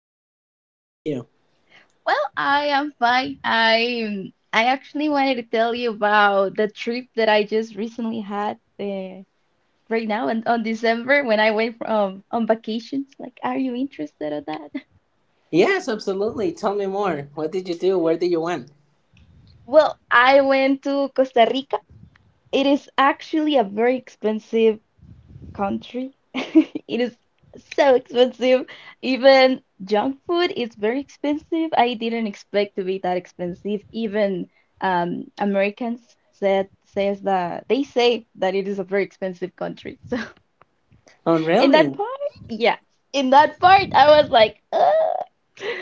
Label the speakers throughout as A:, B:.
A: I'm good. How about you?
B: Well, I am fine. I actually wanted to tell you about the trip that I just recently had right now and on December when I went from on vacations. Like, are you interested in that?
A: Yes, absolutely. Tell me more. What did you do? Where did you went?
B: Well, I went to Costa Rica. It is actually a very expensive country. It is so expensive. Even junk food is very expensive. I didn't expect to be that expensive. Even Americans said says that they say that it is a very expensive country. So
A: Oh,
B: in that
A: really?
B: part, yeah, in that part, I was like, ugh.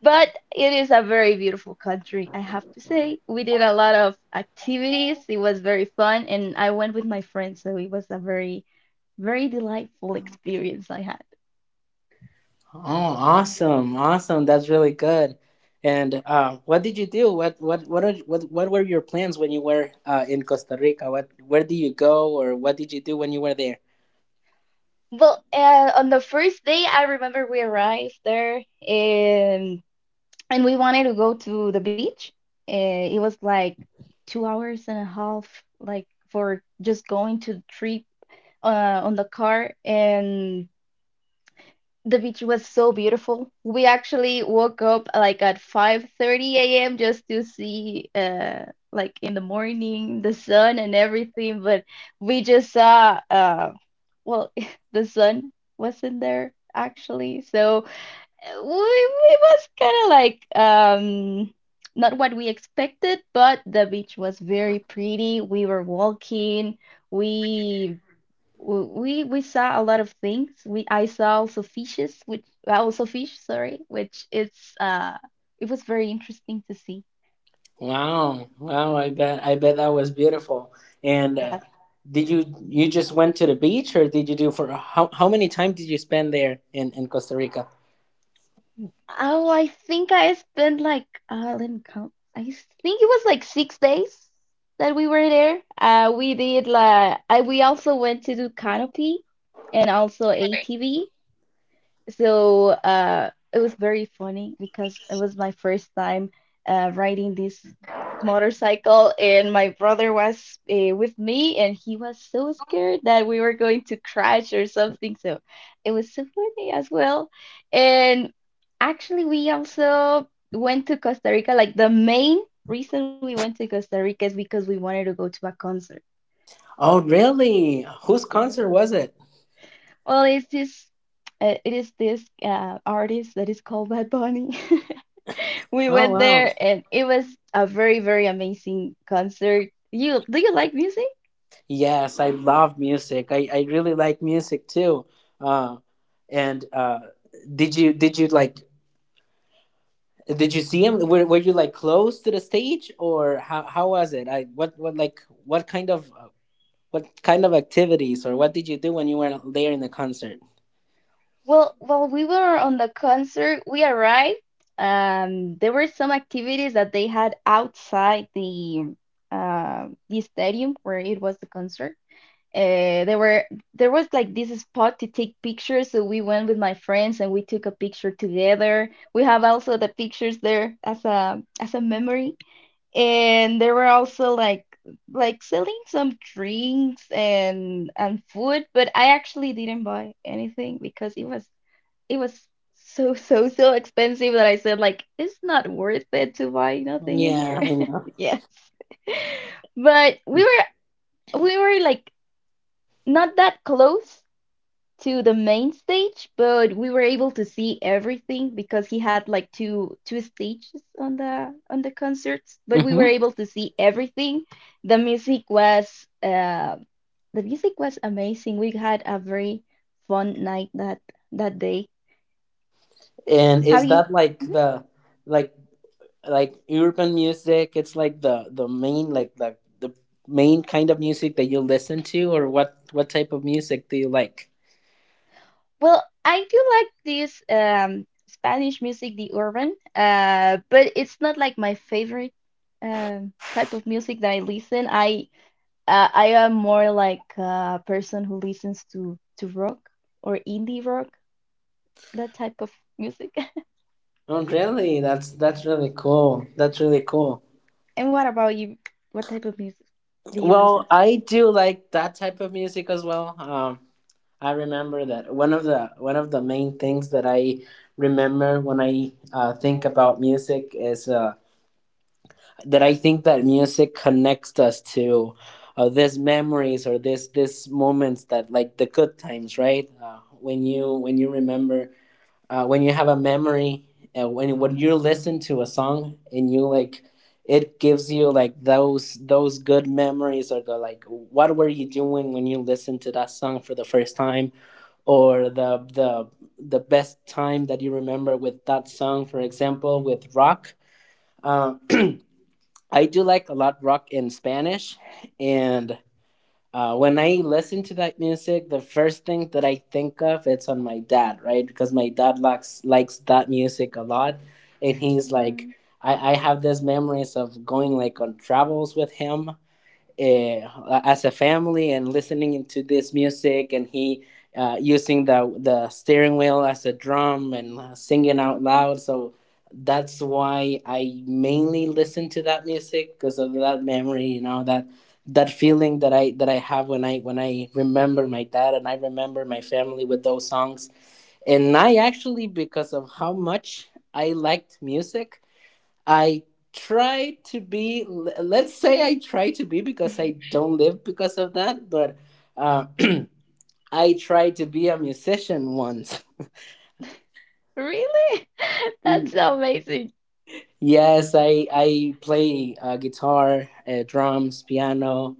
B: But it is a very beautiful country, I have to say. We did a lot of activities. It was very fun, and I went with my friends, so it was a very very delightful experience I had.
A: Oh, awesome. Awesome. That's really good. And what did you do? What, are, what were your plans when you were in Costa Rica? What Where did you go, or what did you do when you were there?
B: Well, on the first day, I remember we arrived there and we wanted to go to the beach. It was like 2 hours and a half, like for just going to the trip on the car. And the beach was so beautiful. We actually woke up like at 5:30 a.m. just to see like in the morning the sun and everything, but we just saw well the sun wasn't there actually. So we it was kind of like not what we expected, but the beach was very pretty. We were walking, we w- we saw a lot of things. We I saw also fishes, which also fish, sorry, which it was very interesting to see.
A: Wow. Wow, I bet that was beautiful. And
B: Yes.
A: did you just went to the beach, or did you do for how many time did you spend there in Costa Rica?
B: Oh, I think I spent like let me count. Think it was like 6 days that we were there. We did like I we also went to do canopy and also ATV. So it was very funny because it was my first time riding this motorcycle, and my brother was with me, and he was so scared that we were going to crash or something. So it was so funny as well. And actually, we also went to Costa Rica. Like the main reason we went to Costa Rica is because we wanted to go to a concert.
A: Oh, really? Whose
B: Yeah.
A: concert was it?
B: Well, it's this. It is this artist that is called Bad Bunny. We
A: Oh,
B: went
A: wow.
B: there and it was a very, very amazing concert. You do you like music?
A: Yes, I love music. I really like music too. Uh, and did you like did you see him? Were you, like, close to the stage, or how was it? I what like what kind of activities, or what did you do when you were there in the concert?
B: Well, while we were on the concert, we arrived. There were some activities that they had outside the stadium where it was the concert. Uh, there were there was like this spot to take pictures, so we went with my friends and we took a picture together. We have also the pictures there as a memory. And they were also like selling some drinks and food, but I actually didn't buy anything because it was so so so expensive that I said like it's not worth it to buy nothing in
A: Yeah,
B: here.
A: I know.
B: Yes. But we were like not that close to the main stage, but we were able to see everything because he had like two stages on the concerts. But we were
A: hmm
B: able to see everything. The music was uh, the music was amazing. We had a very fun night that day.
A: And
B: How
A: is
B: you?
A: that like
B: Mhm.
A: the like urban music? It's like the main like the main kind of music that you listen to, or what type of music do you like?
B: Well, I do like this Spanish music, the urban, but it's not like my favorite type of music that I listen. I am more like a person who listens to rock or indie rock, that type of music.
A: Oh, really? That's really cool. That's really cool.
B: And what about you? What type of music do you listen
A: Well,
B: to?
A: I do like that type of music as well. I remember that one of the main things that I remember when I think about music is that I think that music connects us to these memories or this moments, that like the good times, right? When you remember, when you have a memory, when you listen to a song and you like it gives you like those good memories, or the like what were you doing when you listened to that song for the first time, or the best time that you remember with that song. For example, with rock, uh, I do like a lot rock in Spanish, and when I listen to that music, the first thing that I think of it's on my dad, right? Because my dad likes that music a lot, and he's
B: Hmm.
A: like, I have these memories of going like on travels with him, as a family and listening to this music, and he using the steering wheel as a drum and singing out loud. So that's why I mainly listen to that music, because of that memory, that feeling that I have when I remember my dad, and I remember my family with those songs. And I actually, because of how much I liked music, I try to be, let's say I try to be, because I don't live because of that, but uh, I tried to be a musician once.
B: Really? That's so amazing.
A: Yes, I play guitar, drums, piano,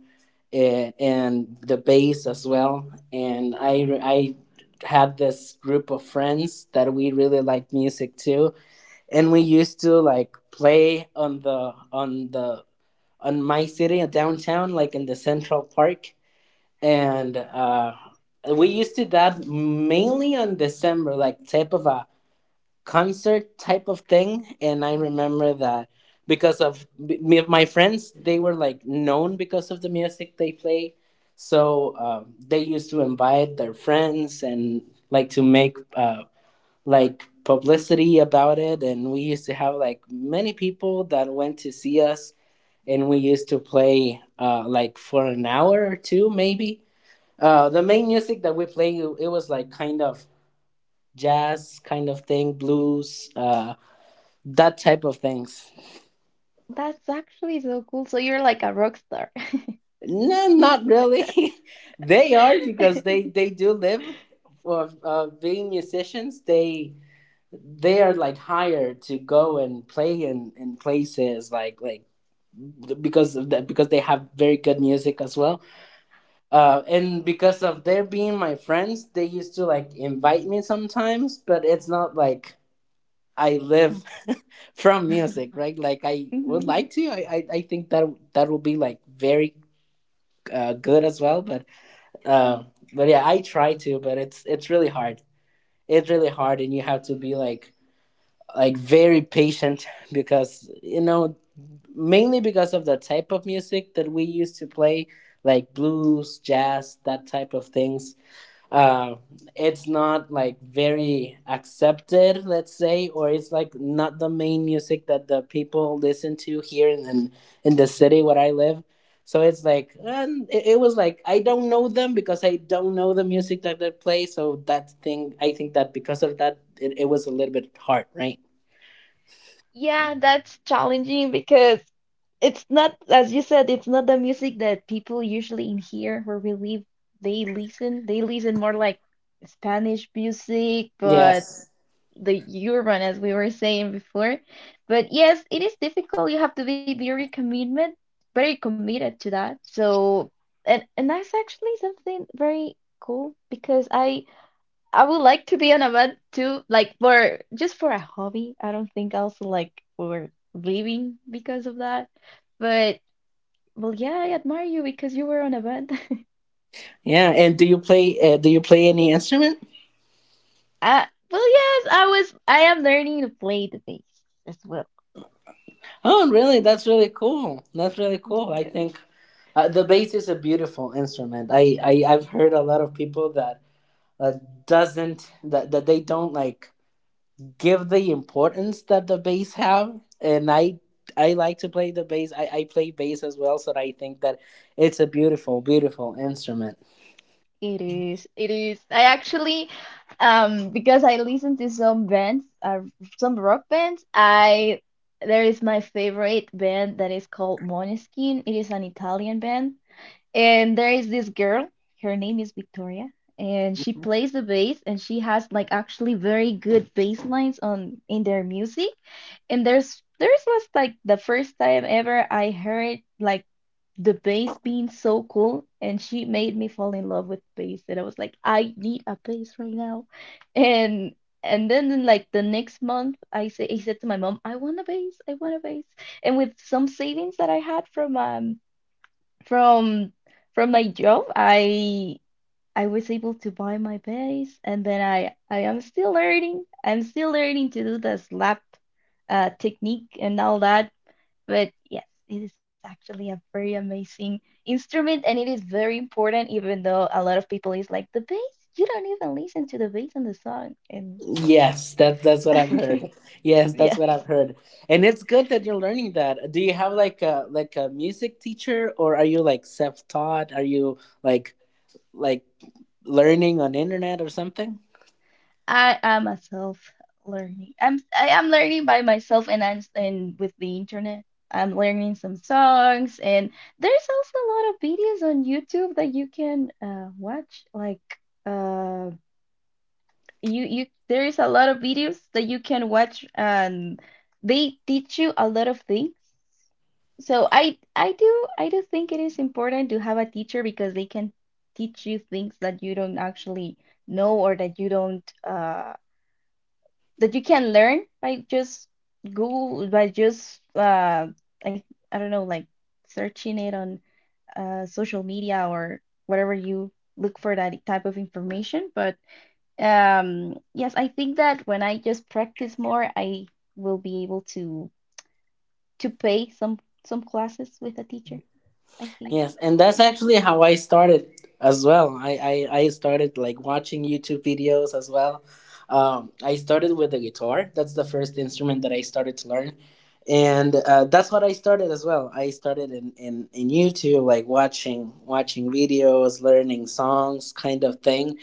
A: and the bass as well. And I had this group of friends that we really liked music too. And we used to like play on my city downtown, like in the Central Park, and we used to that mainly on December, like type of a concert type of thing. And I remember that because of my friends, they were like known because of the music they play. So they used to invite their friends and like to make like publicity about it. And we used to have like many people that went to see us. And we used to play like for an hour or two, maybe. The main music that we play, it was like kind of jazz kind of thing, blues, that type of things.
B: That's actually so cool. So you're like a rock star.
A: No, not really. They are because they they do live for being musicians. They are like hired to go and play in places like because of that, because they have very good music as well. And because of their being my friends, they used to like invite me sometimes, but it's not like I live from music, right? Like I would
B: Mhm.
A: like to. I think that that will be like very good as well. But uh, yeah, I try to, but it's really hard. It's really hard, and you have to be like very patient because mainly because of the type of music that we used to play, like blues, jazz, that type of things, uh, it's not like very accepted, let's say, or it's like not the main music that the people listen to here in the city where I live. So it's like, and it was like I don't know them because I don't know the music that they play. So that thing, I think that because of that, it was a little bit hard, right?
B: Yeah, that's challenging because it's not, as you said, it's not the music that people usually in here where we live, they listen. They listen more like Spanish music, but
A: Yes.
B: the urban, as we were saying before. But yes, it is difficult. You have to be very commitment, very committed to that. So, and that's actually something very cool because I would like to be on a boat too, like for just for a hobby. I don't think also like for living because of that. But well, yeah, I admire you because you were on a boat.
A: Yeah. And do you play? Do you play any instrument?
B: Well, yes, I was. I am learning to play the bass as well.
A: Oh, really? That's really cool. That's really cool. I think the bass is a beautiful instrument. I've heard a lot of people that uh, doesn't that they don't like give the importance that the bass have, and I like to play the bass. I play bass as well, so I think that it's a beautiful, beautiful instrument.
B: It is. It is. I actually, because I listen to some bands, some rock bands. I there is my favorite band that is called Måneskin. It is an Italian band. And there is this girl, her name is Victoria, and she plays the bass and she has like actually very good bass lines on in their music. And there's was like the first time ever I heard like the bass being so cool and she made me fall in love with bass and I was like I need a bass right now. And and then like the next month I said to my mom, I want a bass, I want a bass. And with some savings that I had from from from my job, I was able to buy my base, and then I am still learning. I'm still learning to do the slap technique and all that. But yes, it is actually a very amazing instrument, and it is very important. Even though a lot of people is like the bass, you don't even listen to the bass in the song, and
A: Yes, that that's what I've heard. Yes, that's what I've
B: yes.
A: heard. And it's good that you're learning that. Do you have like a music teacher, or are you like self-taught? Are you like like learning on internet or something?
B: I am a self learning. I am learning by myself and I'm and with the internet. I'm learning some songs and there's also a lot of videos on YouTube that you can watch like uh you there is a lot of videos that you can watch and they teach you a lot of things. So I do think it is important to have a teacher because they can teach you things that you don't actually know or that you don't that you can learn by just Google, by just I don't know, like searching it on social media or whatever you look for that type of information. But yes, I think that when I just practice more, I will be able to pay some classes with a teacher. I think.
A: Yes, and that's actually how I started as well. I started like watching YouTube videos as well. I started with the guitar. That's the first instrument that I started to learn. And that's what I started as well. I started in YouTube, like watching videos, learning songs, kind of thing.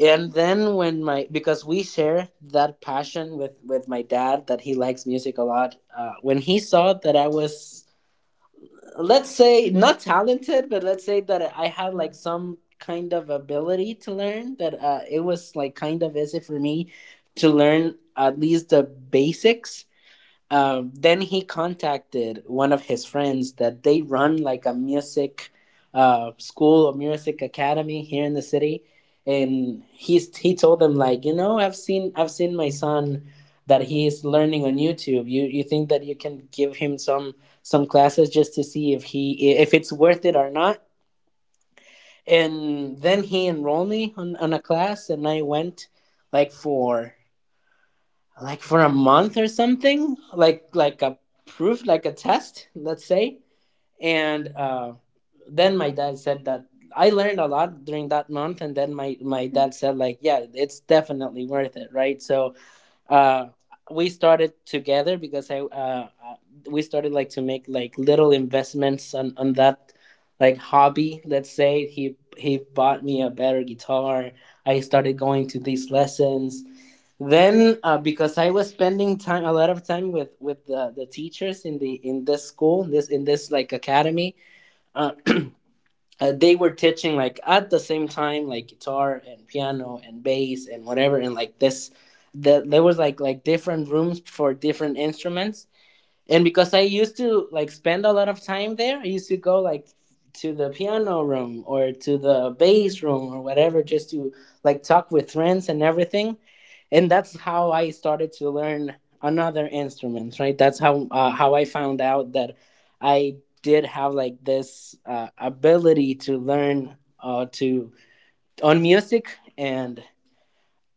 A: And then when my, because we share that passion with my dad, that he likes music a lot. When he saw that I was, let's say, not talented, but let's say that I had like some kind of ability to learn that, it was like kind of easy for me to learn at least the basics, then he contacted one of his friends that they run like a music school, a music academy here in the city, and he told them like, you know, I've seen my son that he is learning on YouTube. You think that you can give him some classes just to see if he if it's worth it or not? And then he enrolled me on a class, and I went like for like for a month or something like a proof, like a test, let's say, and then my dad said that I learned a lot during that month, and then my
B: Mhm.
A: dad said like, yeah, it's definitely worth it, right? So uh, we started together because I we started like to make like little investments on that, like, hobby, let's say. He bought me a better guitar. I started going to these lessons. Then because I was spending time a lot of time with the teachers in this school, this in this like academy. They were teaching like at the same time, like guitar and piano and bass and whatever, and like there was like different rooms for different instruments. And because I used to like spend a lot of time there, I used to go like to the piano room, or to the bass room or whatever, just to like talk with friends and everything. And that's how I started to learn another instrument, right? That's how I found out that I did have like this ability to learn to on music. And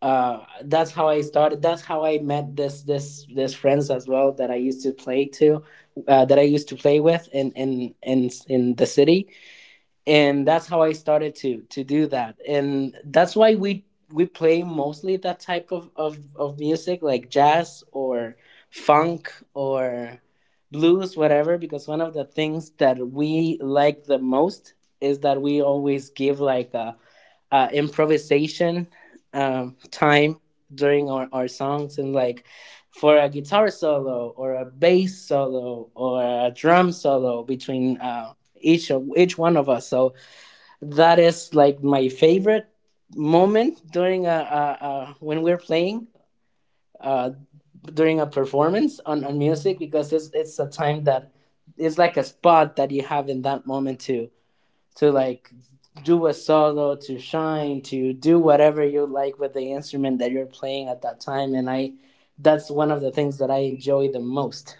A: that's how I started, that's how I met this friends as well that I used to play with in the city. And that's how I started to do that, and that's why we play mostly that type of music, like jazz or funk or blues, whatever. Because one of the things that we like the most is that we always give like a improvisation time during our songs and like for a guitar solo or a bass solo or a drum solo between each one of us, so that is like my favorite moment during a when we're playing uh, during a performance on music, because it's a time that it's like a spot that you have in that moment to like do a solo, to shine, to do whatever you like with the instrument that you're playing at that time, and I that's one of the things that I enjoy the most.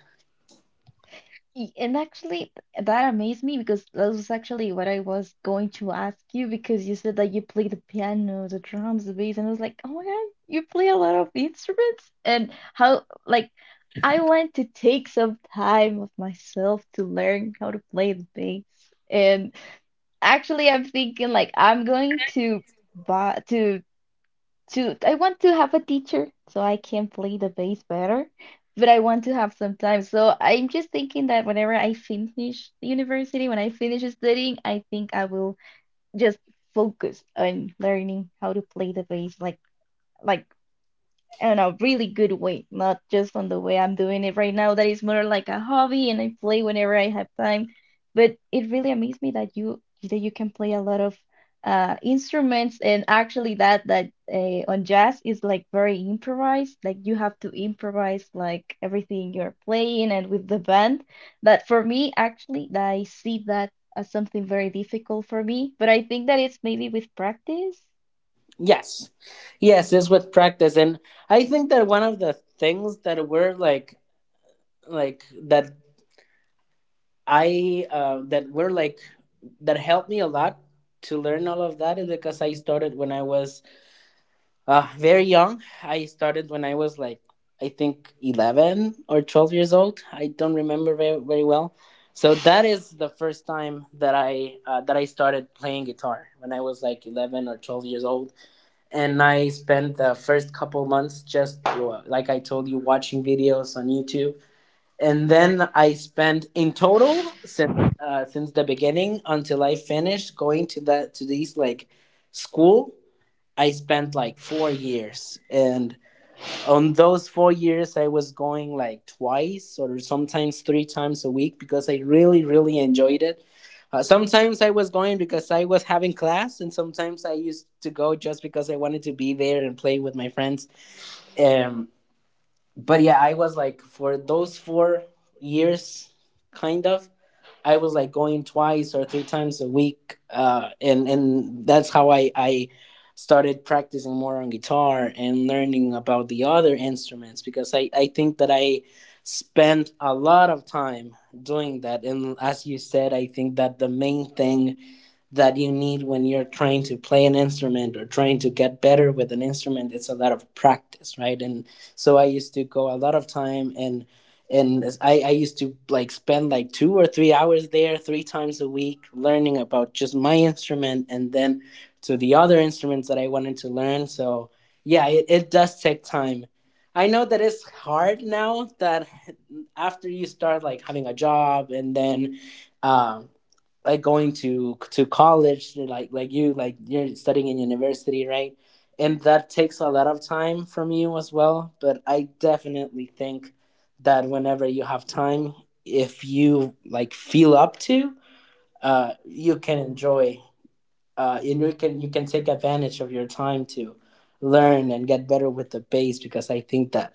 B: And actually, that amazed me because that was actually what I was going to ask you because you said that you play the piano, the drums, the bass, and I was like, oh my God, you play a lot of instruments? And how, like, I want to take some time of myself to learn how to play the bass. And actually, I'm thinking like I'm going to buy to I want to have a teacher so I can play the bass better, but I want to have some time. So I'm just thinking that whenever I finish university, when I finish studying, I think I will just focus on learning how to play the bass like like in a really good way, not just on the way I'm doing it right now, that is more like a hobby and I play whenever I have time. But it really amazed me that you can play a lot of instruments and actually that on jazz is like very improvised, like you have to improvise like everything you're playing and with the band. That for me actually I see that as something very difficult for me, but I think that it's maybe with practice.
A: Yes, yes, it's with practice, and I think that one of the things like that that were like that helped me a lot to learn all of that is because I started when I was very young. I started when I was like I think 11 or 12 years old. I don't remember very, very well. So that is the first time that I started playing guitar when I was like 11 or 12 years old, and I spent the first couple months just like I told you, watching videos on YouTube, and then I spent in total since the beginning until I finished going to that to these like school. I spent like 4 years, and on those 4 years, I was going like twice or sometimes three times a week because I really, really enjoyed it. Sometimes I was going because I was having class, and sometimes I used to go just because I wanted to be there and play with my friends. Um, but yeah, I was like for those 4 years, kind of. I was like going twice or three times a week, and that's how I started practicing more on guitar and learning about the other instruments, because I think that I spent a lot of time doing that, and as you said, I think that the main thing that you need when you're trying to play an instrument or trying to get better with an instrument, it's a lot of practice, right? And so I used to go a lot of time, and I used to like spend like 2 or 3 hours there three times a week learning about just my instrument, and then to the other instruments that I wanted to learn. So yeah, it does take time. I know that it's hard now that after you start like having a job, and then um like going to college, you're studying in university, right? And that takes a lot of time from you as well, but I definitely think that whenever you have time, if you like feel up to, you can enjoy, and you can take advantage of your time to learn and get better with the bass, because I think that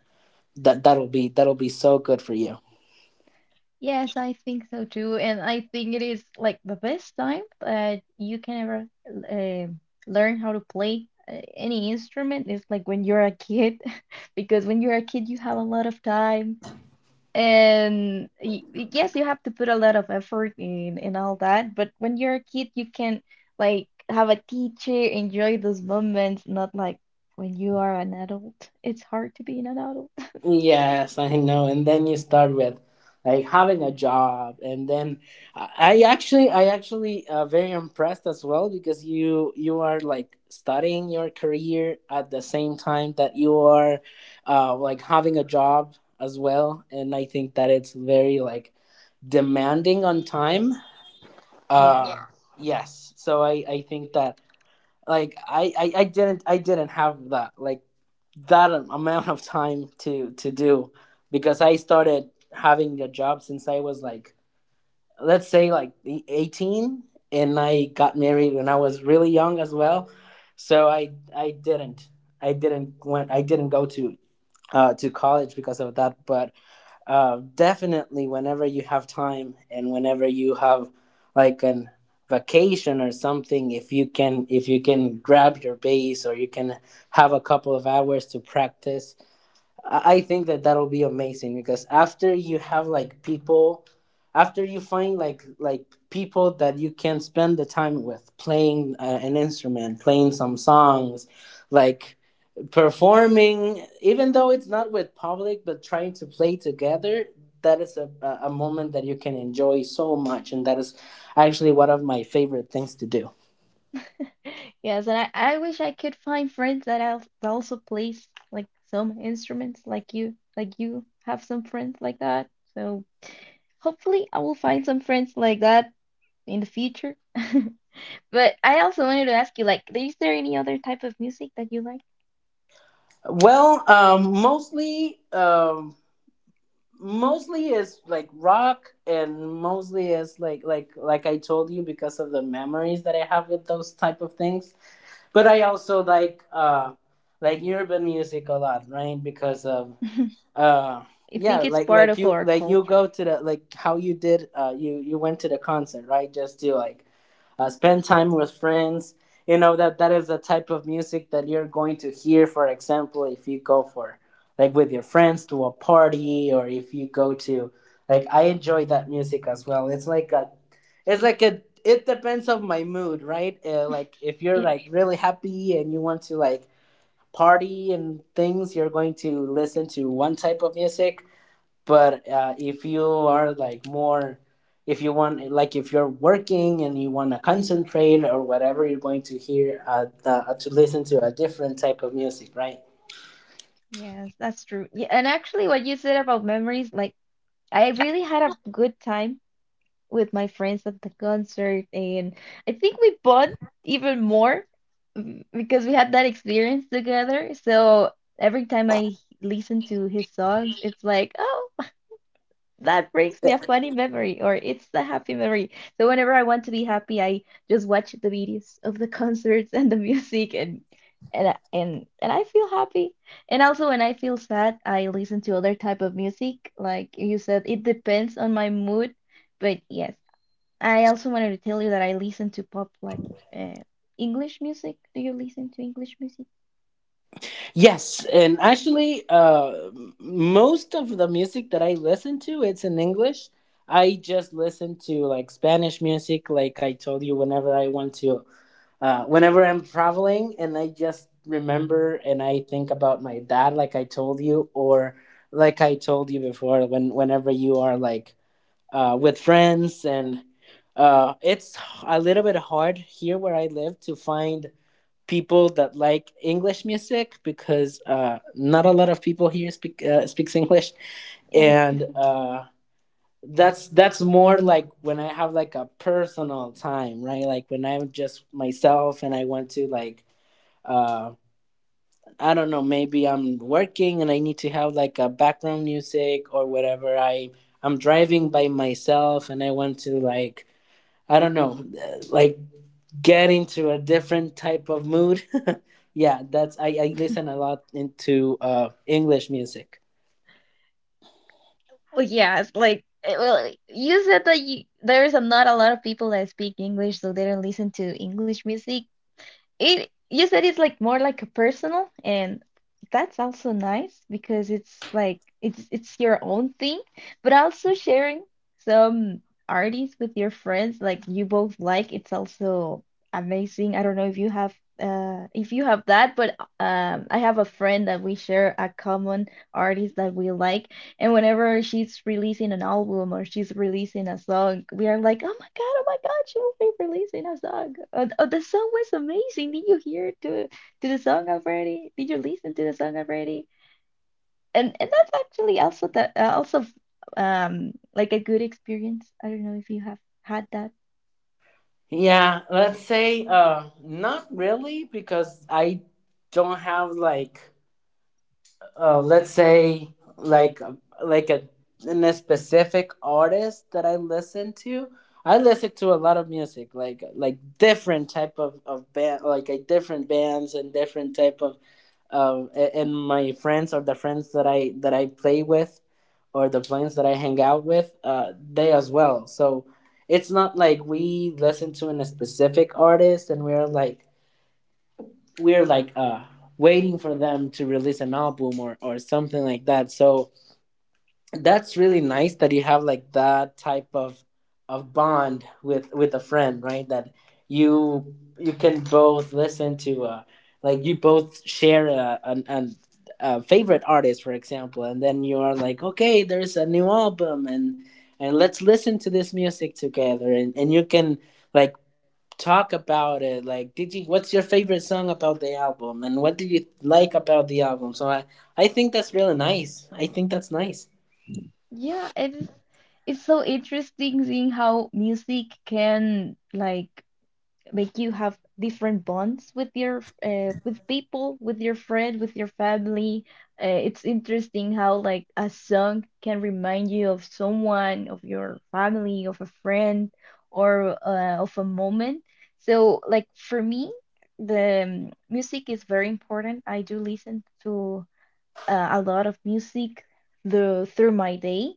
A: that'll be so good for you.
B: Yes, I think so too, and I think it is like the best time that you can ever uh, learn how to play any instrument is like when you're a kid, because when you're a kid you have a lot of time. And yes, you have to put a lot of effort in all that, but when you're a kid, you can like have a teacher, enjoy those moments, not like when you are an adult. It's hard to be an adult.
A: Yes, I know. And then you start with like having a job, and then I actually very impressed as well, because you are like studying your career at the same time that you are like having a job as well, and I think that it's very like demanding on time.
B: Yeah.
A: Yeah. Yes, so I think that like I didn't have that like that amount of time to do, because I started having a job since I was like, let's say, like 18, and I got married when I was really young as well, so I didn't go to college because of that. But definitely whenever you have time and whenever you have like an vacation or something, if you can grab your bass, or you can have a couple of hours to practice, I think that that'll be amazing. Because after you find like people that you can spend the time with playing an instrument, playing some songs, like performing, even though it's not with public, but trying to play together. That is a moment that you can enjoy so much, and that is actually one of my favorite things to do.
B: Yes, and I wish I could find friends that al that also plays like some instruments like you have some friends like that. So hopefully I will find some friends like that in the future. But I also wanted to ask you, like, is there any other type of music that you like?
A: Well, mostly. Mostly is like rock, and mostly is like, I told you, because of the memories that I have with those type of things. But I also like urban music a lot, right? Because of uh
B: I
A: yeah,
B: think it's
A: like,
B: part of our
A: you go
B: culture.
A: to the, like, how you did, you went to the concert, right? Just to like spend time with friends, that is the type of music that you're going to hear, for example, if you go for, like, with your friends to a party, or if you go to, like, I enjoy that music as well. It's like a it's like a it depends on my mood, right? Like if you're
B: Yeah.
A: like really happy and you want to like party and things, you're going to listen to one type of music, but if you are, like, more if you want like if you're working and you want to concentrate or whatever, you're going to listen to a different type of music, right?
B: Yes, that's true. Yeah, and actually, what you said about memories, like, I really had a good time with my friends at the concert, and I think we bond even more because we had that experience together. So every time I listen to his songs, it's like, oh, that brings me a funny memory, or it's the happy memory. So whenever I want to be happy, I just watch the videos of the concerts and the music, and I feel happy. And also when I feel sad, I listen to other type of music. Like you said, it depends on my mood. But yes, I also wanted to tell you that I listen to pop, like uh, English music. Do you listen to English music?
A: Yes. And actually, most of the music that I listen to, it's in English. I just listen to like Spanish music, like I told you, whenever I'm traveling and I just remember and I think about my dad, like I told you, or like I told you before, whenever you are like with friends, and it's a little bit hard here where I live to find people that like English music, because not a lot of people here speaks English,
B: Yes.
A: and that's more like when I have like a personal time, right? Like when I'm just myself and I want to, like, uh I don't know, maybe I'm working and I need to have like a background music or whatever. I'm driving by myself and I want to, like, I don't know, like get into a different type of mood. Yeah, that's I listen a lot into English music.
B: Well, it's like well, you said that there's not a lot of people that speak English, so they don't listen to English music. It you said it's like more like a personal, and that's also nice because it's like it's your own thing, but also sharing some artists with your friends like you both like. It's also amazing. I don't know if you have that, but I have a friend that we share a common artist that we like. And whenever she's releasing an album or she's releasing a song, we are like, oh my God, she will be releasing a song. Oh, the song was amazing. Did you hear to the song already? Did you listen to the song already? And that's actually also the also like a good experience. I don't know if you have had that.
A: Yeah, let's say not really, because I don't have like, let's say, like a in a specific artist that I listen to. I listen to a lot of music, like different type of band, like a different bands and different type of and my friends or the friends that I play with, or the plants that I hang out with, they as well. So it's not like we listen to a specific artist, and we're like waiting for them to release an album, or something like that. So that's really nice that you have like that type of bond with a friend, right? That you can both listen to like you both share a an a favorite artist, for example, and then you are like, okay, there's a new album, and let's listen to this music together, and you can like talk about it, like did you what's your favorite song about the album, and what do you like about the album. So I think that's really nice. I think that's nice.
B: Yeah, it is. It's so interesting seeing how music can like make you have different bonds with your with people with your friend with your family. It's interesting how like a song can remind you of someone of your family of a friend or of a moment. So like for me the music is very important. I do listen to a lot of music the through my day.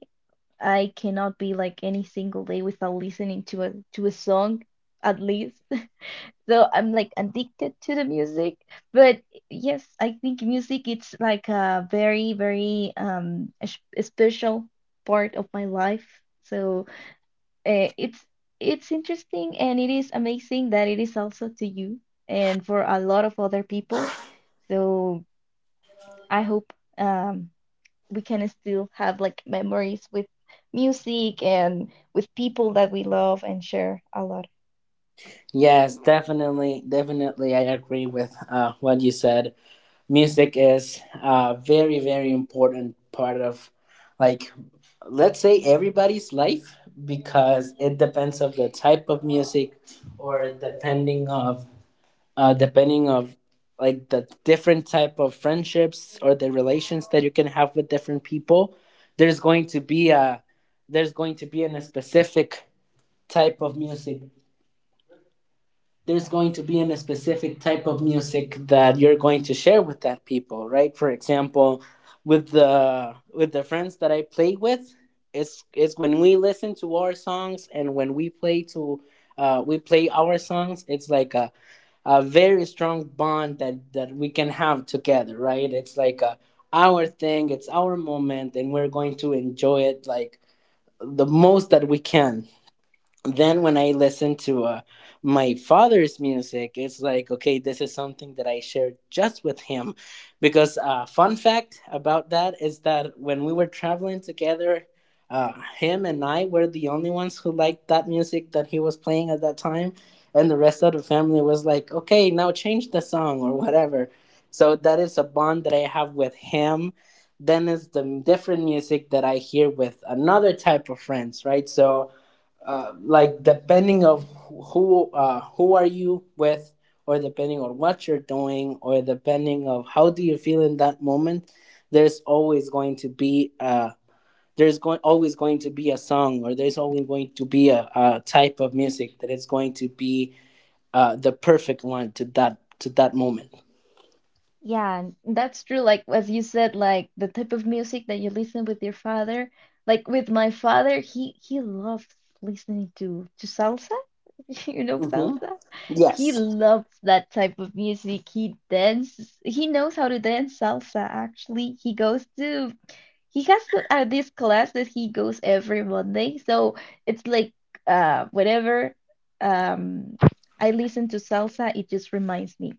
B: I cannot be like any single day without listening to a song at least. So I'm like addicted to the music. But yes, I think music it's like a very, very a, sh- a special part of my life. So uh, it's it's interesting and it is amazing that it is also to you and for a lot of other people. So I hope we can still have like memories with music and with people that we love and share a lot.
A: Yes, definitely, definitely. I agree with what you said. Music is a very, very important part of, like, let's say, everybody's life, because it depends of the type of music, or depending of, like, the different type of friendships or the relations that you can have with different people. There's going to be a, there's going to be in a specific type of music there's going to be in a specific type of music that you're going to share with that people, right? For example, with the friends that I play with, it's when we listen to our songs and when we play our songs, it's like a very strong bond that we can have together, right? It's like our thing, it's our moment, and we're going to enjoy it like the most that we can. Then when I listen to my father's music, it's like, okay, this is something that I shared just with him. Because, fun fact about that is that when we were traveling together, him and I were the only ones who liked that music that he was playing at that time. And the rest of the family was like, okay, now change the song or whatever. So that is a bond that I have with him. Then is the different music that I hear with another type of friends, right? So, like depending of who are you with, or depending on what you're doing, or depending of how do you feel in that moment, there's always going to be uh there's going always going to be a song, or there's always going to be a type of music that is going to be the perfect one to that moment.
B: Yeah, and that's true. Like as you said, like the type of music that you listen with your father, like with my father, he loves listening to salsa. You know
A: Hmm.
B: salsa? He
A: Yes.
B: loves that type of music. He dances. He knows how to dance salsa, actually. He has to, this class that he goes every Monday. So it's like whenever um I listen to salsa, it just reminds me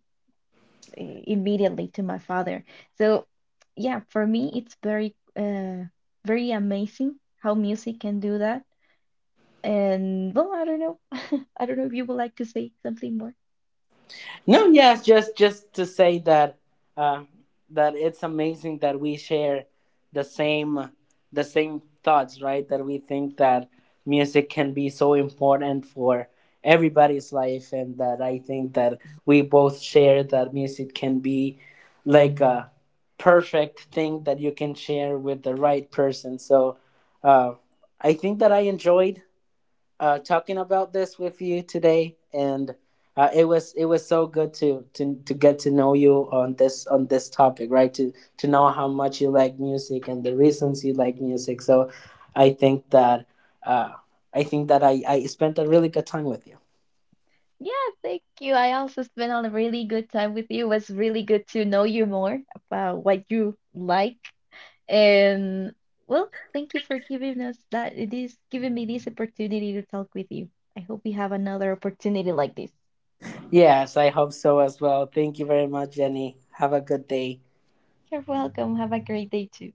B: immediately to my father. So, yeah, for me, it's very, very amazing how music can do that. And well, I don't know. I don't know if you would like to say something more.
A: No, yes, just to say that uh, it's amazing that we share the same the same thoughts, right? That we think that music can be so important for everybody's life, and that I think that we both share that music can be like a perfect thing that you can share with the right person. So uh, I think that I enjoyed talking about this with you today, and it was so good to get to know you on this topic, right? To know how much you like music and the reasons you like music. So, I think that uh, I spent a really good time with you.
B: Yeah, thank you. I also spent a really good time with you. It was really good to know you more about what you like. And well, thank you for giving us that. It is giving me this opportunity to talk with you. I hope we have another opportunity like this.
A: Yes, I hope so as well. Thank you very much, Jenny. Have a good day.
B: You're welcome. Have a great day too.